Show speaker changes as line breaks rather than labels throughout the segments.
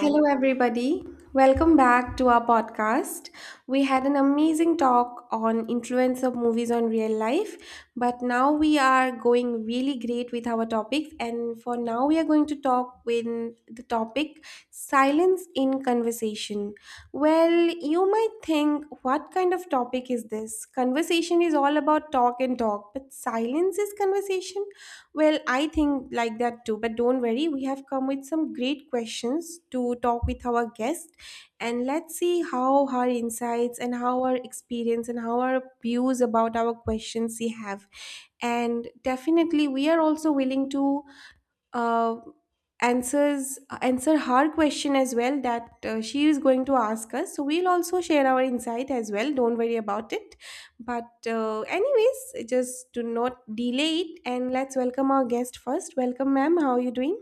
Hello, everybody. Welcome back to our podcast. We had an amazing talk on influence of movies on real life, but now we are going really great with our topics. And for now, we are going to talk with the topic silence in conversation. Well, you might think, what kind of topic is this? Conversation is all about talk and talk, but silence is conversation? Well, I think like that too, but don't worry, we have come with some great questions to talk with our guest and let's see how her insights and how our experience and how our views about our questions she have and definitely we are also willing to uh, answer her question as well that she is going to ask us, so we'll also share our insight as well, don't worry about it, but anyways, just do not delay it and let's welcome our guest first. Welcome, ma'am, how are you doing?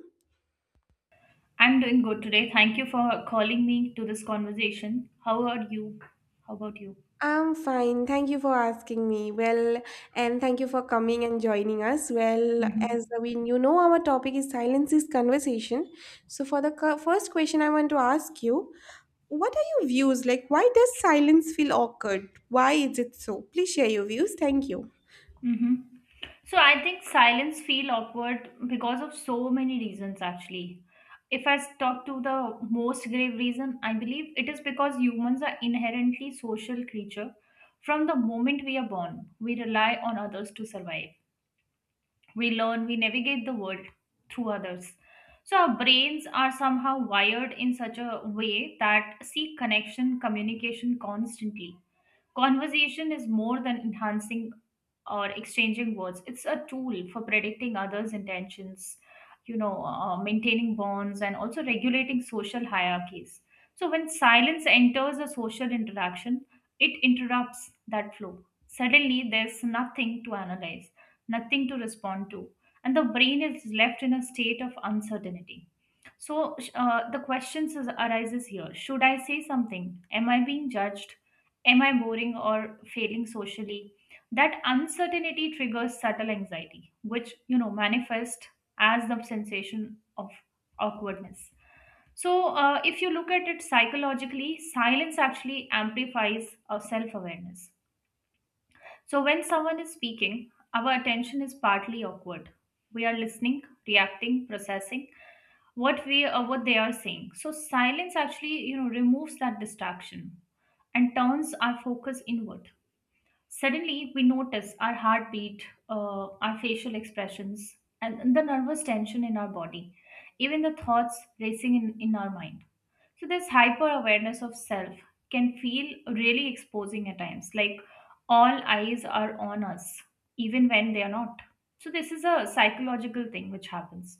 I'm doing good today. Thank you for calling me to this conversation. How are you? How about you?
I'm fine. Thank you for asking me. Well, and thank you for coming and joining us. Well, as
Mm-hmm.
we you know, our topic is silence is conversation. So, for the first question, I want to ask you: what are your views? Like, why does silence feel awkward? Why is it so? Please share your views. Thank you.
Mm-hmm. So I think silence feel awkward because of so many reasons actually. If I talk to the most grave reason, I believe it is because humans are inherently social creature. From the moment we are born, we rely on others to survive. We learn, we navigate the world through others. So our brains are somehow wired in such a way that seek connection, communication constantly. Conversation is more than enhancing or exchanging words, it's a tool for predicting others' intentions, maintaining bonds, and also regulating social hierarchies. So, when silence enters a social interaction, it interrupts that flow. Suddenly, there's nothing to analyze, nothing to respond to, and the brain is left in a state of uncertainty. So the arises here: Should I say something? Am I being judged? Am I boring or failing socially? That uncertainty triggers subtle anxiety, which manifests as the sensation of awkwardness. So, if you look at it psychologically, silence actually amplifies our self awareness. So, when someone is speaking, our attention is partly awkward. We are listening, reacting, processing what they are saying. So, silence actually removes that distraction and turns our focus inward. Suddenly, we notice our heartbeat, our facial expressions, and the nervous tension in our body, even the thoughts racing in our mind. So, this hyper awareness of self can feel really exposing at times, like all eyes are on us, even when they are not. So, this is a psychological thing which happens.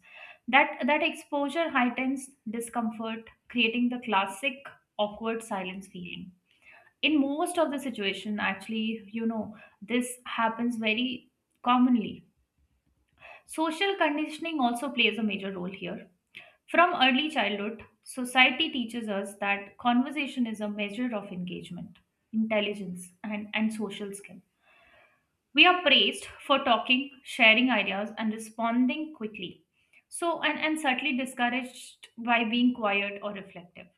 That exposure heightens discomfort, creating the classic awkward silence feeling in most of the situation actually, this happens very commonly. Social conditioning also plays a major role here. From early childhood, society teaches us that conversation is a measure of engagement, intelligence, and social skill. We are praised for talking, sharing ideas, and responding quickly, so and certainly discouraged by being quiet or reflective.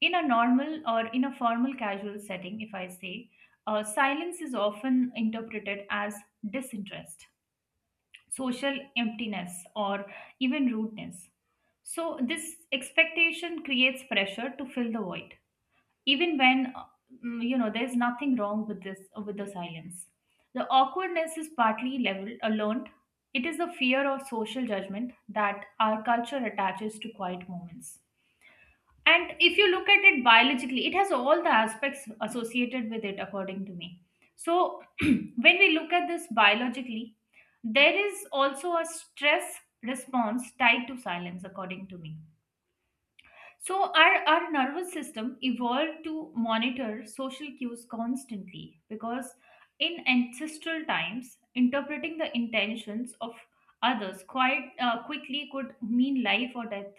In a normal or in a formal casual setting, if I say, silence is often interpreted as disinterest, social emptiness, or even rudeness. So, this expectation creates pressure to fill the void, even when there's nothing wrong with this, with the silence. The awkwardness is partly learned. It is the fear of social judgment that our culture attaches to quiet moments. And if you look at it biologically, it has all the aspects associated with it, according to me. So, when we look at this biologically, there is also a stress response tied to silence, according to me. So, our nervous system evolved to monitor social cues constantly because in ancestral times, interpreting the intentions of others quite quickly could mean life or death.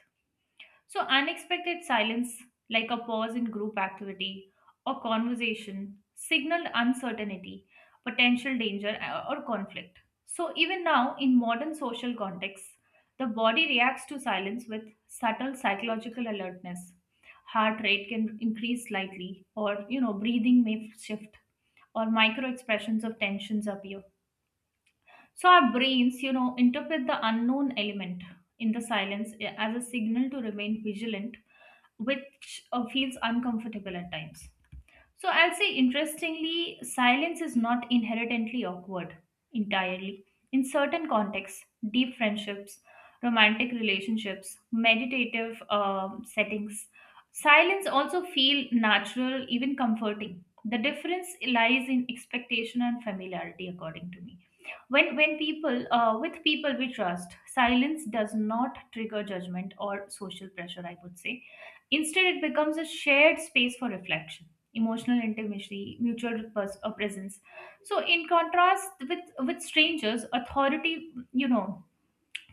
So, unexpected silence, like a pause in group activity or conversation, signaled uncertainty, potential danger, or conflict. So, even now, in modern social contexts, the body reacts to silence with subtle psychological alertness. Heart rate can increase slightly, or breathing may shift, or micro expressions of tensions appear. So our brains, interpret the unknown element in the silence as a signal to remain vigilant, which feels uncomfortable at times. So I'll say, interestingly, silence is not inherently awkward entirely. In certain contexts, deep friendships, romantic relationships, meditative settings, silence also feel natural, even comforting. The difference lies in expectation and familiarity, according to me. When people with people we trust, silence does not trigger judgment or social pressure, I would say. Instead, it becomes a shared space for reflection, emotional intimacy, presence. So in contrast, with strangers, authority, you know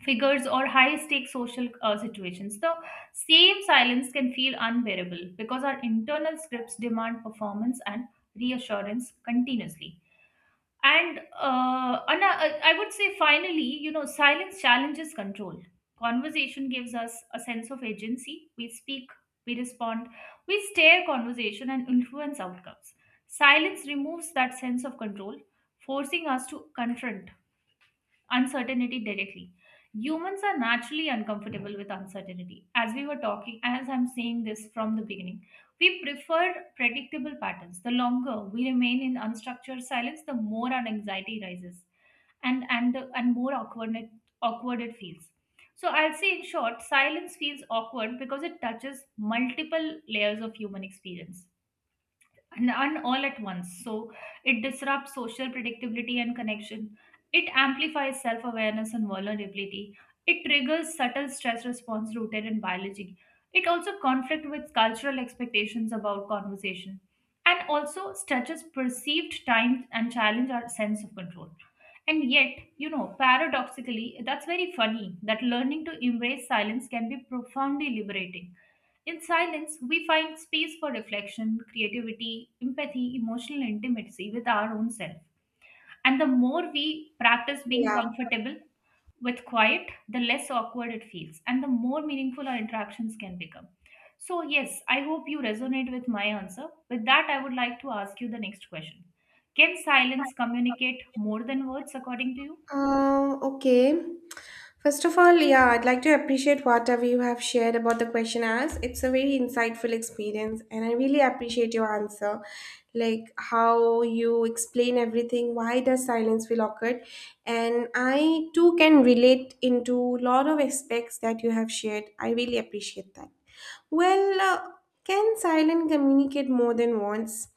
figures, or high stakes social situations, the same silence can feel unbearable because our internal scripts demand performance and reassurance continuously. And Anna, I would say finally, silence challenges control. Conversation gives us a sense of agency. We speak, we respond, we steer conversation and influence outcomes. Silence removes that sense of control, forcing us to confront uncertainty directly. Humans are naturally uncomfortable with uncertainty. As we were talking, as I'm saying this from the beginning, we prefer predictable patterns. The longer we remain in unstructured silence, the more our anxiety rises, and more awkward it feels. So I'll say, in short, silence feels awkward because it touches multiple layers of human experience, and all at once. So it disrupts social predictability and connection. It amplifies self awareness and vulnerability. It triggers subtle stress response rooted in biology. It also conflict with cultural expectations about conversation, and also stretches perceived time and challenge our sense of control. And yet, paradoxically, that's very funny that learning to embrace silence can be profoundly liberating. In silence, we find space for reflection, creativity, empathy, emotional intimacy with our own self. And the more we practice being
Yeah.
comfortable with quiet, the less awkward it feels, and the more meaningful our interactions can become. So, yes, I hope you resonate with my answer. With that, I would like to ask you the next question. Can silence communicate more than words, according to you?
Okay. First of all, yeah, I'd like to appreciate whatever you have shared about the question asked. It's a very insightful experience, and I really appreciate your answer. Like how you explain everything, why does silence feel awkward? And I too can relate into a lot of aspects that you have shared. I really appreciate that. Well, can silent communicate more than once?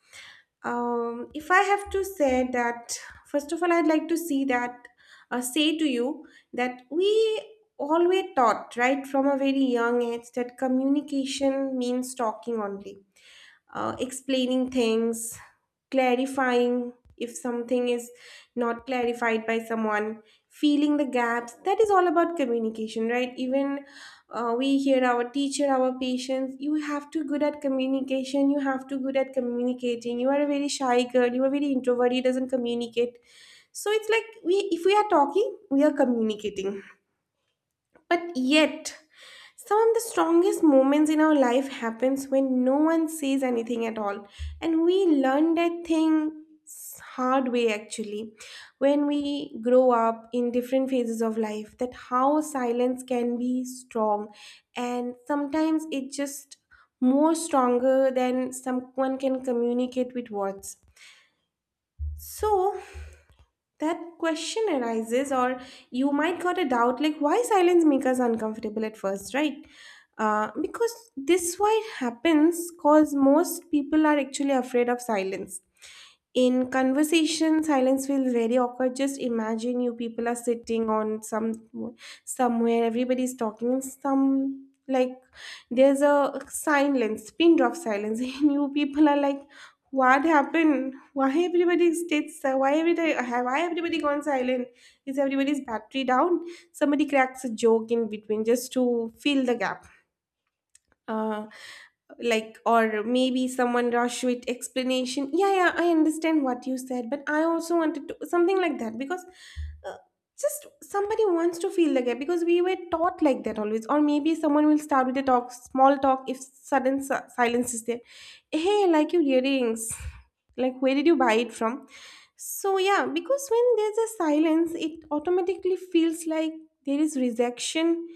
If I have to say that, first of all, I'd like to see that, say to you that we always taught, right, from a very young age that communication means talking only, explaining things, clarifying if something is not clarified by someone, feeling the gaps. That is all about communication, right? Even we hear our teacher, our patients, you have to good at communication, you have to good at communicating, you are a very shy girl, you are very introverted. Doesn't communicate. So it's like, we, if we are talking, we are communicating, but yet some of the strongest moments in our life happens when no one says anything at all. And we learn that thing hard way, actually. When we grow up in different phases of life, that how silence can be strong. And sometimes it just more stronger than someone can communicate with words. So that question arises, or you might got a doubt, like, why silence make us uncomfortable at first, right? Because this why it happens, cause most people are actually afraid of silence. In conversation, silence feels very awkward. Just imagine you people are sitting on some somewhere, everybody's talking, and some like, there's a silence, pin drop silence, and you people are like, "What happened? Why everybody stayed? Why everybody? Why everybody gone silent? Is everybody's battery down? Somebody cracks a joke in between just to fill the gap." uh, like, or maybe someone rush with explanation, yeah, yeah, I understand what you said, but I also wanted to something like that because, uh, just somebody wants to feel the gap because we were taught like that always. Or maybe someone will start with a talk, small talk, if sudden silence is there. Hey, I like your earrings, like, where did you buy it from? So yeah, because when there's a silence it automatically feels like there is rejection,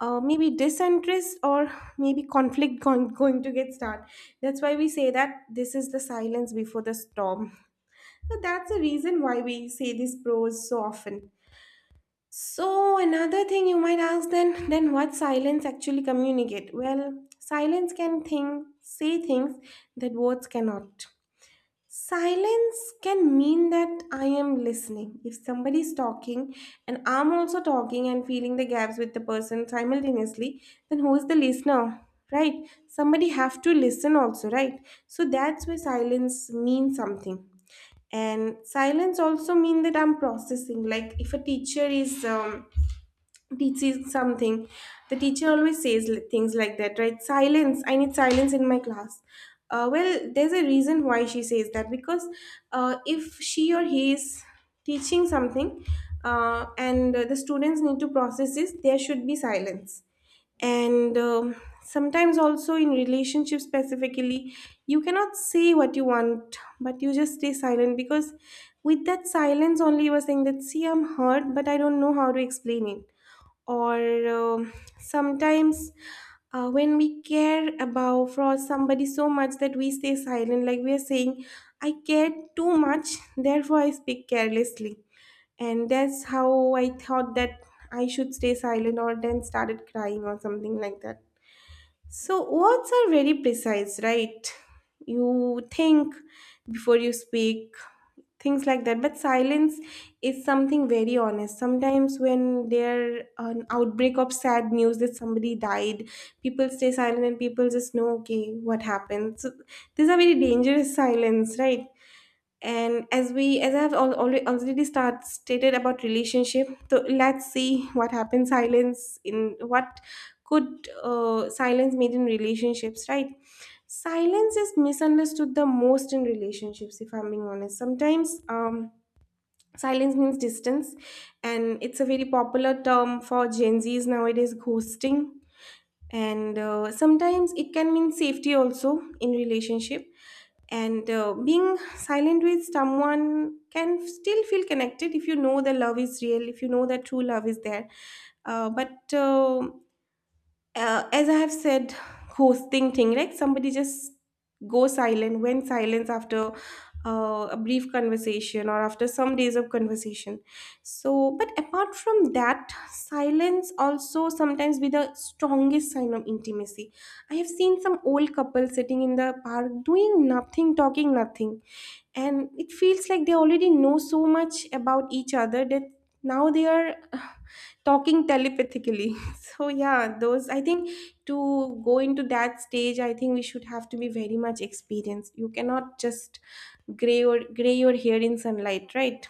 maybe disinterest, or maybe conflict going to get started. That's why we say that this is the silence before the storm. So that's the reason why we say these pros so often. So another thing you might ask, then what silence actually communicate? Well, silence can think, say things that words cannot. Silence can mean that I am listening. If somebody is talking and I'm also talking and feeling the gaps with the person simultaneously, then who is the listener? Right? Somebody have to listen also, right? So that's where silence means something. And silence also mean that I'm processing. Like, if a teacher is teaches something, the teacher always says things like that, right? Silence, I need silence in my class. Well, there's a reason why she says that, because if she or he is teaching something, and the students need to process this, there should be silence. And sometimes also in relationships specifically, you cannot say what you want, but you just stay silent because with that silence only you are saying that, see, I'm hurt, but I don't know how to explain it. Or sometimes when we care about for somebody so much that we stay silent, like we are saying, I cared too much therefore I speak carelessly, and that's how I thought that I should stay silent, or then started crying or something like that. So words are very precise, right? You think before you speak, things like that. But silence is something very honest. Sometimes when there an outbreak of sad news that somebody died, people stay silent and people just know, okay, what happened. So these are very dangerous silence, right? And as we, as I've already start stated about relationship, so let's see what happens, silence in what could silence made in relationships, right? Silence is misunderstood the most in relationships if I'm being honest. Sometimes silence means distance. And it's a very popular term for gen z's nowadays, ghosting. And sometimes it can mean safety also in relationship. And being silent with someone can still feel connected, if you know the love is real, if you know that true love is there. But as I have said, hosting thing, like somebody just go silent, went silence after a brief conversation or after some days of conversation. So, but apart from that, silence also sometimes be the strongest sign of intimacy. I have seen some old couple sitting in the park doing nothing, talking nothing, and it feels like they already know so much about each other that now they are talking telepathically. So yeah, those, I think, to go into that stage, I think we should have to be very much experienced. You cannot just gray or gray your hair in sunlight, right?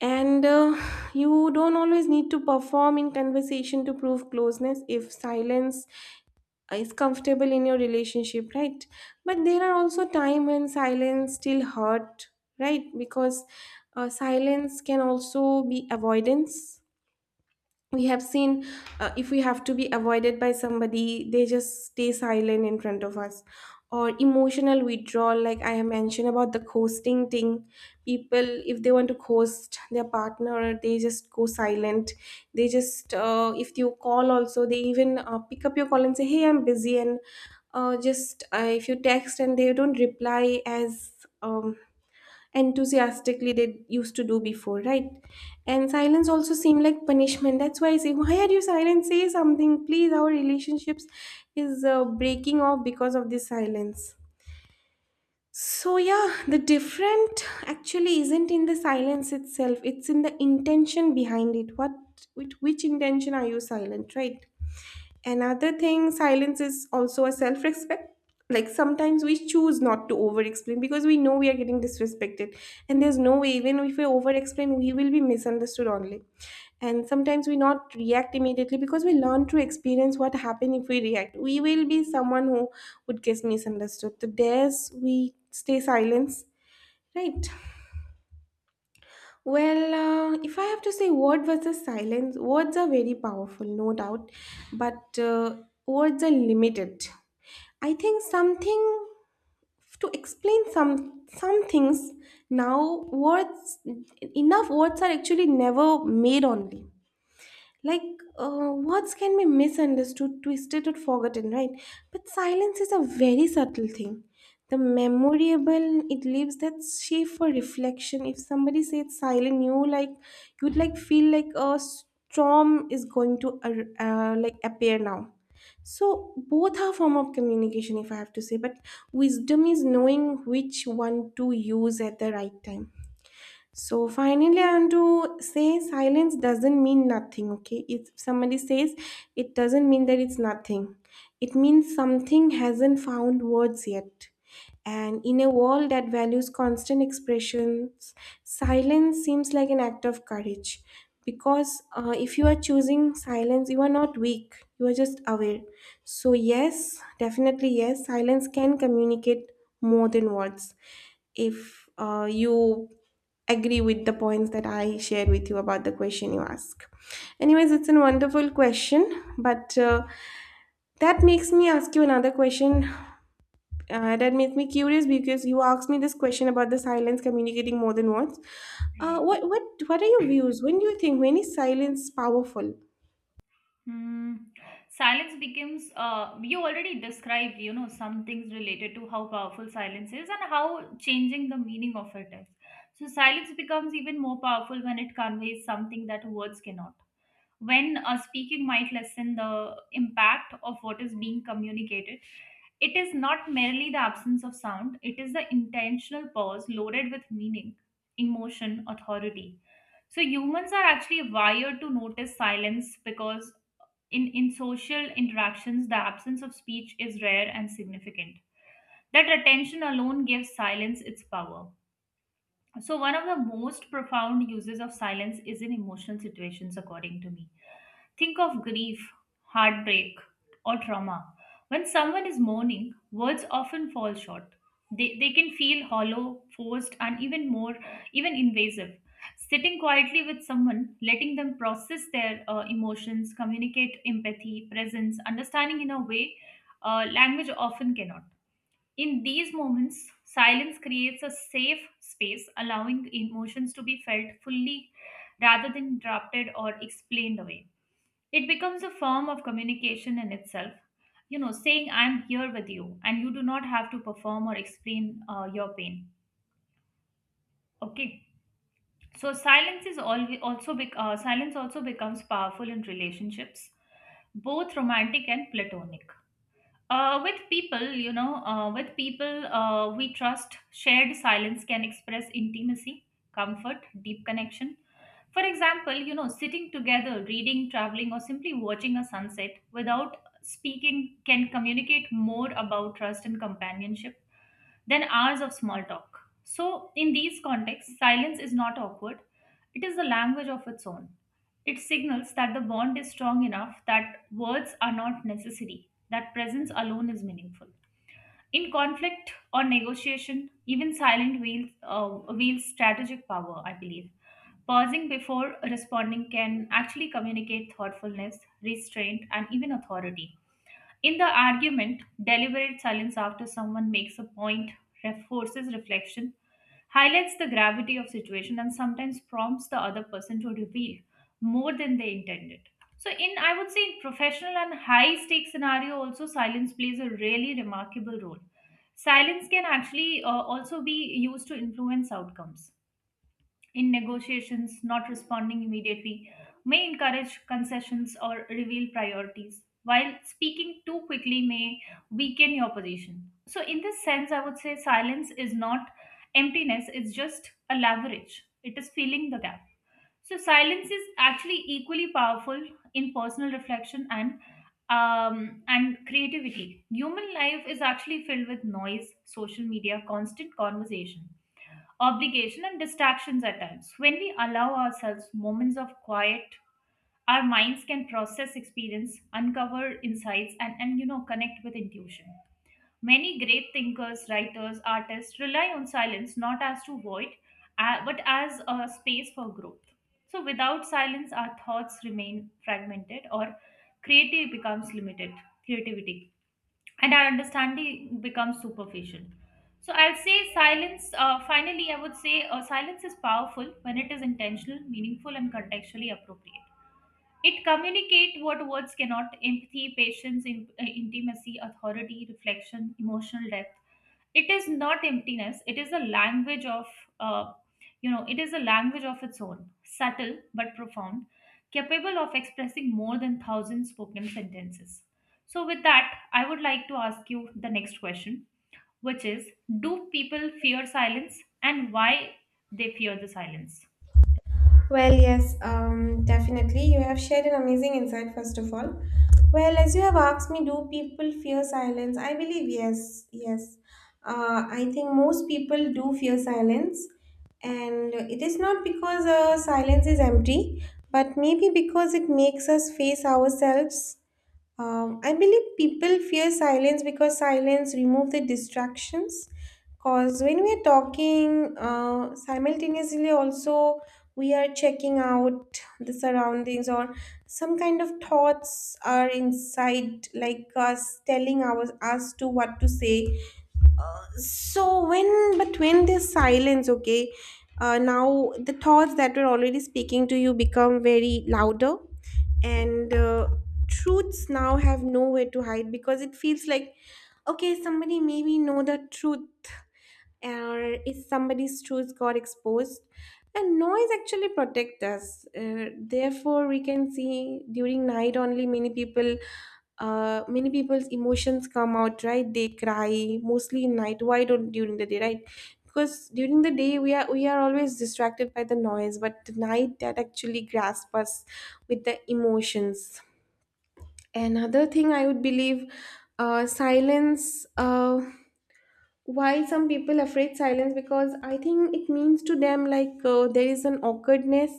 And you don't always need to perform in conversation to prove closeness if silence is comfortable in your relationship, right? But there are also time when silence still hurt, right? Because silence can also be avoidance. We have seen, if we have to be avoided by somebody, they just stay silent in front of us, or emotional withdrawal, like I have mentioned about the ghosting thing. People, if they want to ghost their partner, they just go silent. They just, if you call also, they even pick up your call and say, hey, I'm busy, and just if you text and they don't reply as um, enthusiastically they used to do before, right? And silence also seemed like punishment. That's why I say, why are you silent? Say something, please. Our relationships is breaking off because of this silence. So, yeah, the different actually isn't in the silence itself, it's in the intention behind it. What, with which intention are you silent, right? Another thing, silence is also a self respect. Like sometimes we choose not to over explain because we know we are getting disrespected, and there's no way, even if we over explain, we will be misunderstood only. And sometimes we not react immediately because we learn to experience what happen if we react. We will be someone who would get misunderstood. So, there's we stay silence, right? Well, if I have to say word versus silence, words are very powerful, no doubt, but words are limited. I think something to explain some things. Now words, enough words are actually never made only, like, words can be misunderstood, twisted, or forgotten, right? But silence is a very subtle thing. The memorable, it leaves that shape for reflection. If somebody says silent, you like, you'd like feel like a storm is going to like appear now. So both are form of communication, if I have to say. But wisdom is knowing which one to use at the right time. So finally, I want to say silence doesn't mean nothing, okay? If somebody says, it doesn't mean that it's nothing, it means something hasn't found words yet. And in a world that values constant expressions, silence seems like an act of courage. Because if you are choosing silence, you are not weak, you are just aware. So, yes, definitely, yes, silence can communicate more than words if you agree with the points that I shared with you about the question you ask. Anyways, it's a wonderful question, but that makes me ask you another question. That makes me curious because you asked me this question about the silence communicating more than words. Uh,
Right.
what what what are your views? When do you think when is silence powerful?
Hmm. Silence becomes, you already described, some things related to how powerful silence is and how changing the meaning of it is. So, silence becomes even more powerful when it conveys something that words cannot. When a speaking might lessen the impact of what is being communicated, it is not merely the absence of sound, it is the intentional pause loaded with meaning, emotion, authority. So humans are actually wired to notice silence because in social interactions, the absence of speech is rare and significant. That attention alone gives silence its power. So, one of the most profound uses of silence is in emotional situations, according to me. Think of grief, heartbreak, or trauma. When someone is mourning, words often fall short. They can feel hollow, forced, and even invasive. Sitting quietly with someone, letting them process their emotions, communicate empathy, presence, understanding in a way language often cannot. In these moments, silence creates a safe space, allowing emotions to be felt fully rather than interrupted or explained away. It becomes a form of communication in itself. Saying, I'm here with you, and you do not have to perform or explain your pain. Okay. Silence also becomes powerful in relationships, both romantic and platonic. With people, with people we trust, shared silence can express intimacy, comfort, deep connection. For example, sitting together, reading, traveling, or simply watching a sunset without speaking can communicate more about trust and companionship then hours of small talk. So, in these contexts, silence is not awkward, it is a language of its own. It signals that the bond is strong enough that words are not necessary, that presence alone is meaningful. In conflict or negotiation, even silent wields strategic power, I believe. Pausing before responding can actually communicate thoughtfulness, restraint, and even authority. In the argument, deliberate silence after someone makes a point reinforces reflection, highlights the gravity of situation, and sometimes prompts the other person to reveal more than they intended. So, in I would say in professional and high stake scenario, also silence plays a really remarkable role. Silence can actually also be used to influence outcomes in negotiations, not responding immediately may encourage concessions or reveal priorities, while speaking too quickly may weaken your position. So, in this sense, I would say silence is not emptiness, it's just a leverage, it is filling the gap. So, silence is actually equally powerful in personal reflection and and creativity. Human life is actually filled with noise, social media, constant conversation, obligation, and distractions at times. When we allow ourselves moments of quiet, our minds can process experience, uncover insights, and connect with intuition. Many great thinkers, writers, artists rely on silence not as to void, but as a space for growth. So without silence, our thoughts remain fragmented or creative becomes limited. Creativity and our understanding becomes superficial. So I'll say silence. Finally, I would say silence is powerful when it is intentional, meaningful, and contextually appropriate. It communicates what words cannot: empathy, patience, intimacy, authority, reflection, emotional depth. It is not emptiness, it is a language of uh, it is a language of its own, subtle but profound, capable of expressing more than 1,000 spoken sentences. So with that, I would like to ask you the next question, which is, do people fear silence, and why they fear the silence?
Well, yes, definitely. You have shared an amazing insight, first of all. Well, as you have asked me, do people fear silence? I believe yes, yes. I think most people do fear silence, and it is not because silence is empty, but maybe because it makes us face ourselves. I believe people fear silence because silence remove the distractions. Because when we are talking simultaneously, also we are checking out the surroundings or some kind of thoughts are inside, like us telling our us to what to say. So when but when there's silence, okay, now the thoughts that were already speaking to you become very louder and truths now have nowhere to hide because it feels like okay somebody maybe know the truth, or if somebody's truth got exposed. And noise actually protect us, therefore we can see during night only many people, many people's emotions come out, right? They cry mostly in night, why don't during the day, right? Because during the day we are always distracted by the noise, but the night that actually grasp us with the emotions. Another thing I would believe, silence why some people afraid silence, because I think it means to them like there is an awkwardness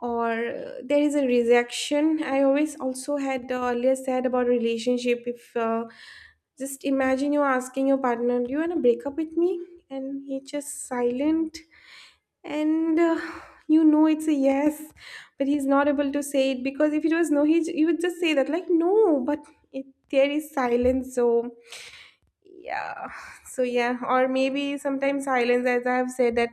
or there is a rejection. I always also had earlier said about relationship. If just imagine you're asking your partner, do you want to break up with me, and he just silent, and you know it's a yes, but he's not able to say it because if it was no, he would just say that like no, but it, there is silence. So yeah. So yeah, or maybe sometimes silence, as I have said, that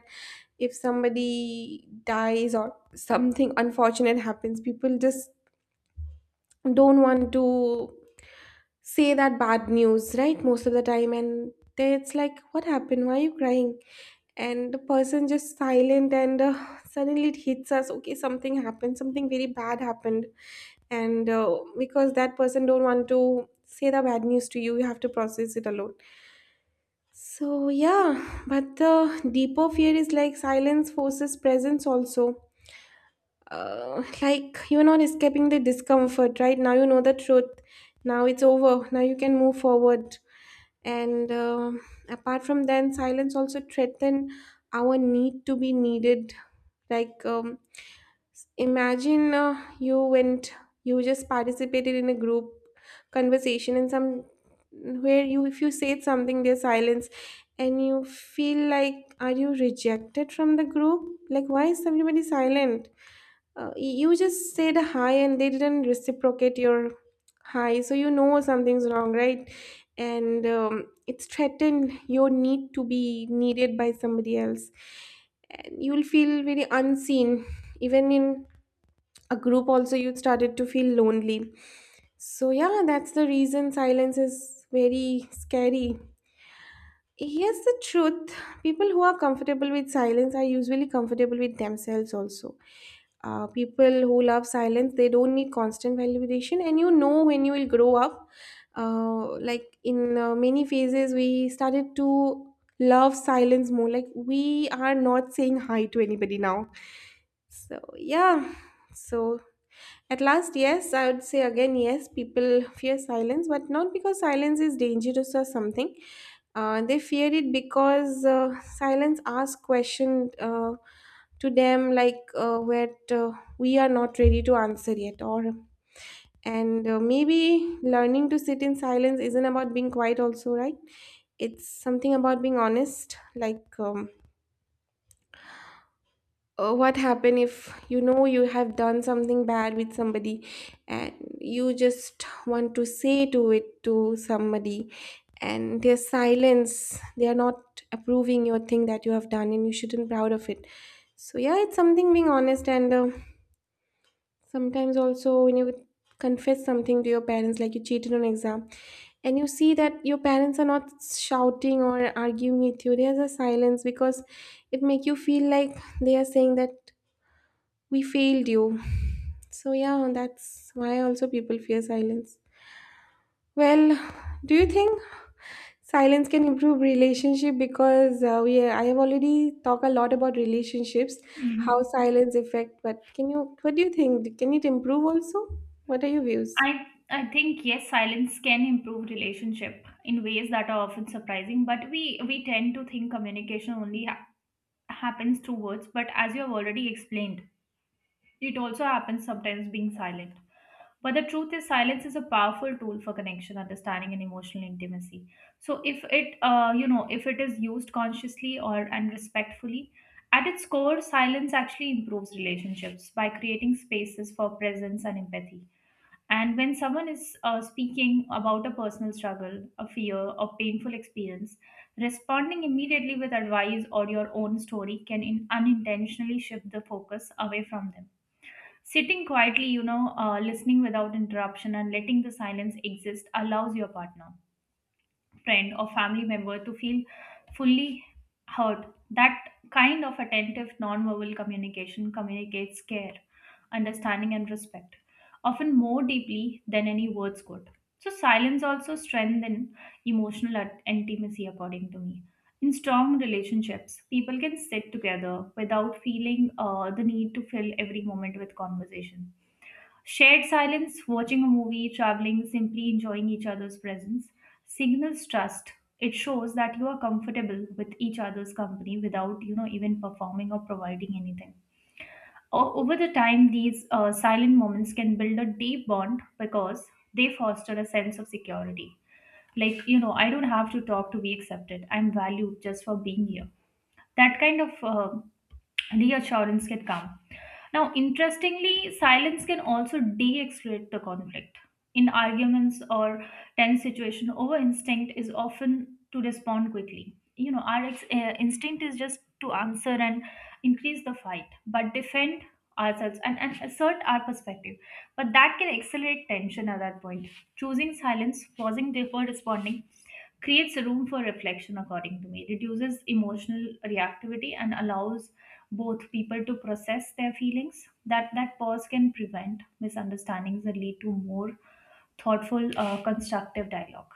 if somebody dies or something unfortunate happens, people just don't want to say that bad news, right? Most of the time, and they- it's like, what happened? Why are you crying? And the person just silent, and suddenly it hits us. Okay, something happened. Something very bad happened, and because that person don't want to say the bad news to you, you have to process it alone. So yeah, but the deeper fear is like silence forces presence also. Like you're not escaping the discomfort, right? Now you know the truth. Now it's over. Now you can move forward. And um apart from then silence also threaten our need to be needed, like imagine you just participated in a group conversation, and some where you if you said something there's silence, and you feel like are you rejected from the group, like why is everybody silent? uh, you just said hi and they didn't reciprocate your hi, so you know something's wrong, right? And it's threatened your need to be needed by somebody else, and you will feel very unseen, even in a group also you started to feel lonely. So yeah, that's the reason silence is very scary. Here's the truth: people who are comfortable with silence are usually comfortable with themselves also. People who love silence, they don't need constant validation, and you know when you will grow up. In many phases, we started to love silence more. Like we are not saying hi to anybody now. So, yeah. So, at last, yes, I would say again, yes, people fear silence, but not because silence is dangerous or something. They fear it because silence asks questions to them, like what we are not ready to answer yet, or and maybe learning to sit in silence isn't about being quiet also, right? It's something about being honest, like what happen if you know you have done something bad with somebody, and you just want to say to it to somebody, and their silence, they are not approving your thing that you have done and you shouldn't proud of it. So yeah, it's something being honest, and sometimes also when you confess something to your parents, like you cheated on exam, and you see that your parents are not shouting or arguing with you, there's a silence, because it make you feel like they are saying that we failed you. So yeah, that's why also people fear silence. Well, do you think silence can improve relationship? Because we I have already talked a lot about relationships, how
Mhm.
silence affect. But can you what do you think? Can it improve also? What are your views?
I think yes, silence can improve relationship in ways that are often surprising. But we tend to think communication only happens through words. But as you have already explained, it also happens sometimes being silent. But the truth is, silence is a powerful tool for connection, understanding, and emotional intimacy. So if it if it is used consciously or and respectfully. At its core, silence actually improves relationships by creating spaces for presence and empathy. And when someone is speaking about a personal struggle, a fear, or painful experience, responding immediately with advice or your own story can unintentionally shift the focus away from them. Sitting quietly, listening without interruption and letting the silence exist allows your partner, friend or family member to feel fully heard. That kind of attentive nonverbal communication communicates care, understanding, and respect, often more deeply than any words could. So, silence also strengthens emotional intimacy, according to me. In strong relationships, people can sit together without feeling the need to fill every moment with conversation. Shared silence, watching a movie, traveling, simply enjoying each other's presence signals trust. It shows that you are comfortable with each other's company without, even performing or providing anything. Over the time, these silent moments can build a deep bond because they foster a sense of security. Like, I don't have to talk to be accepted. I'm valued just for being here. That kind of reassurance can come. Now, interestingly, silence can also de escalate the conflict. In arguments or tense situation, our instinct is often to respond quickly. You know, our instinct is just to answer and increase the fight, but defend ourselves and, assert our perspective. But that can accelerate tension at that point. Choosing silence, pausing before responding, creates room for reflection, according to me, reduces emotional reactivity and allows both people to process their feelings. That pause can prevent misunderstandings and lead to more thoughtful, constructive dialogue.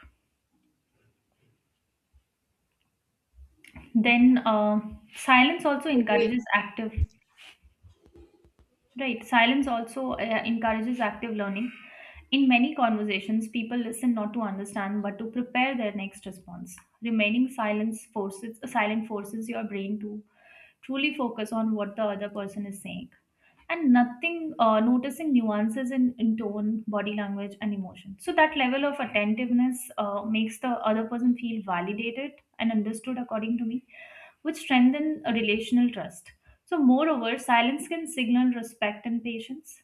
Then silence also
Great.
encourages active. Right. Silence also encourages active learning. In many conversations, people listen not to understand but to prepare their next response. Remaining silence forces silent forces your brain to truly focus on what the other person is saying, and nothing noticing nuances in, tone, body language, and emotion. So that level of attentiveness makes the other person feel validated and understood, according to me, which strengthen a relational trust. So, moreover, silence can signal respect and patience.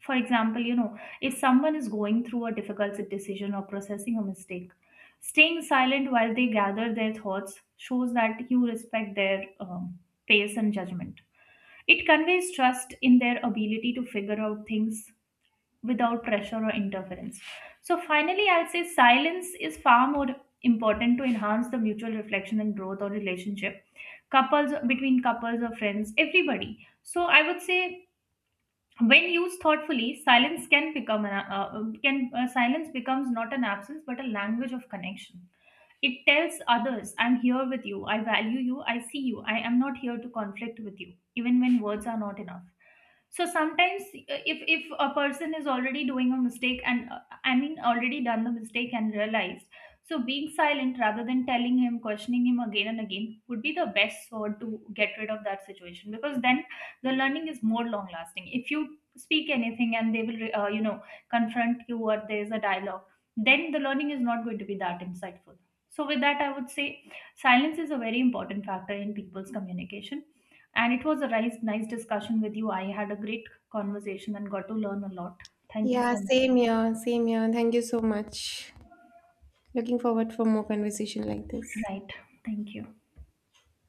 For example, if someone is going through a difficult decision or processing a mistake, staying silent while they gather their thoughts shows that you respect their pace and judgment. It conveys trust in their ability to figure out things without pressure or interference. So finally, I'll say silence is far more important to enhance the mutual reflection and growth or relationship couples, between couples or friends, everybody. So I would say, when used thoughtfully, silence can become an can silence becomes not an absence but a language of connection. It tells others, I'm here with you, I value you, I see you, I am not here to conflict with you, even when words are not enough. So sometimes, if a person is already doing a mistake and I mean already done the mistake and realized, so being silent rather than telling him, questioning him again and again, would be the best sword to get rid of that situation, because then the learning is more long lasting. If you speak anything and they will confront you or there is a dialogue, then the learning is not going to be that insightful. So with that, I would say silence is a very important factor in people's communication, and it was a nice discussion with you. I had a great conversation and got to learn a lot. Thank you
Yeah,
so much.
same here, same here. Thank you so much. Looking forward for more conversation like this.
Right. Thank you.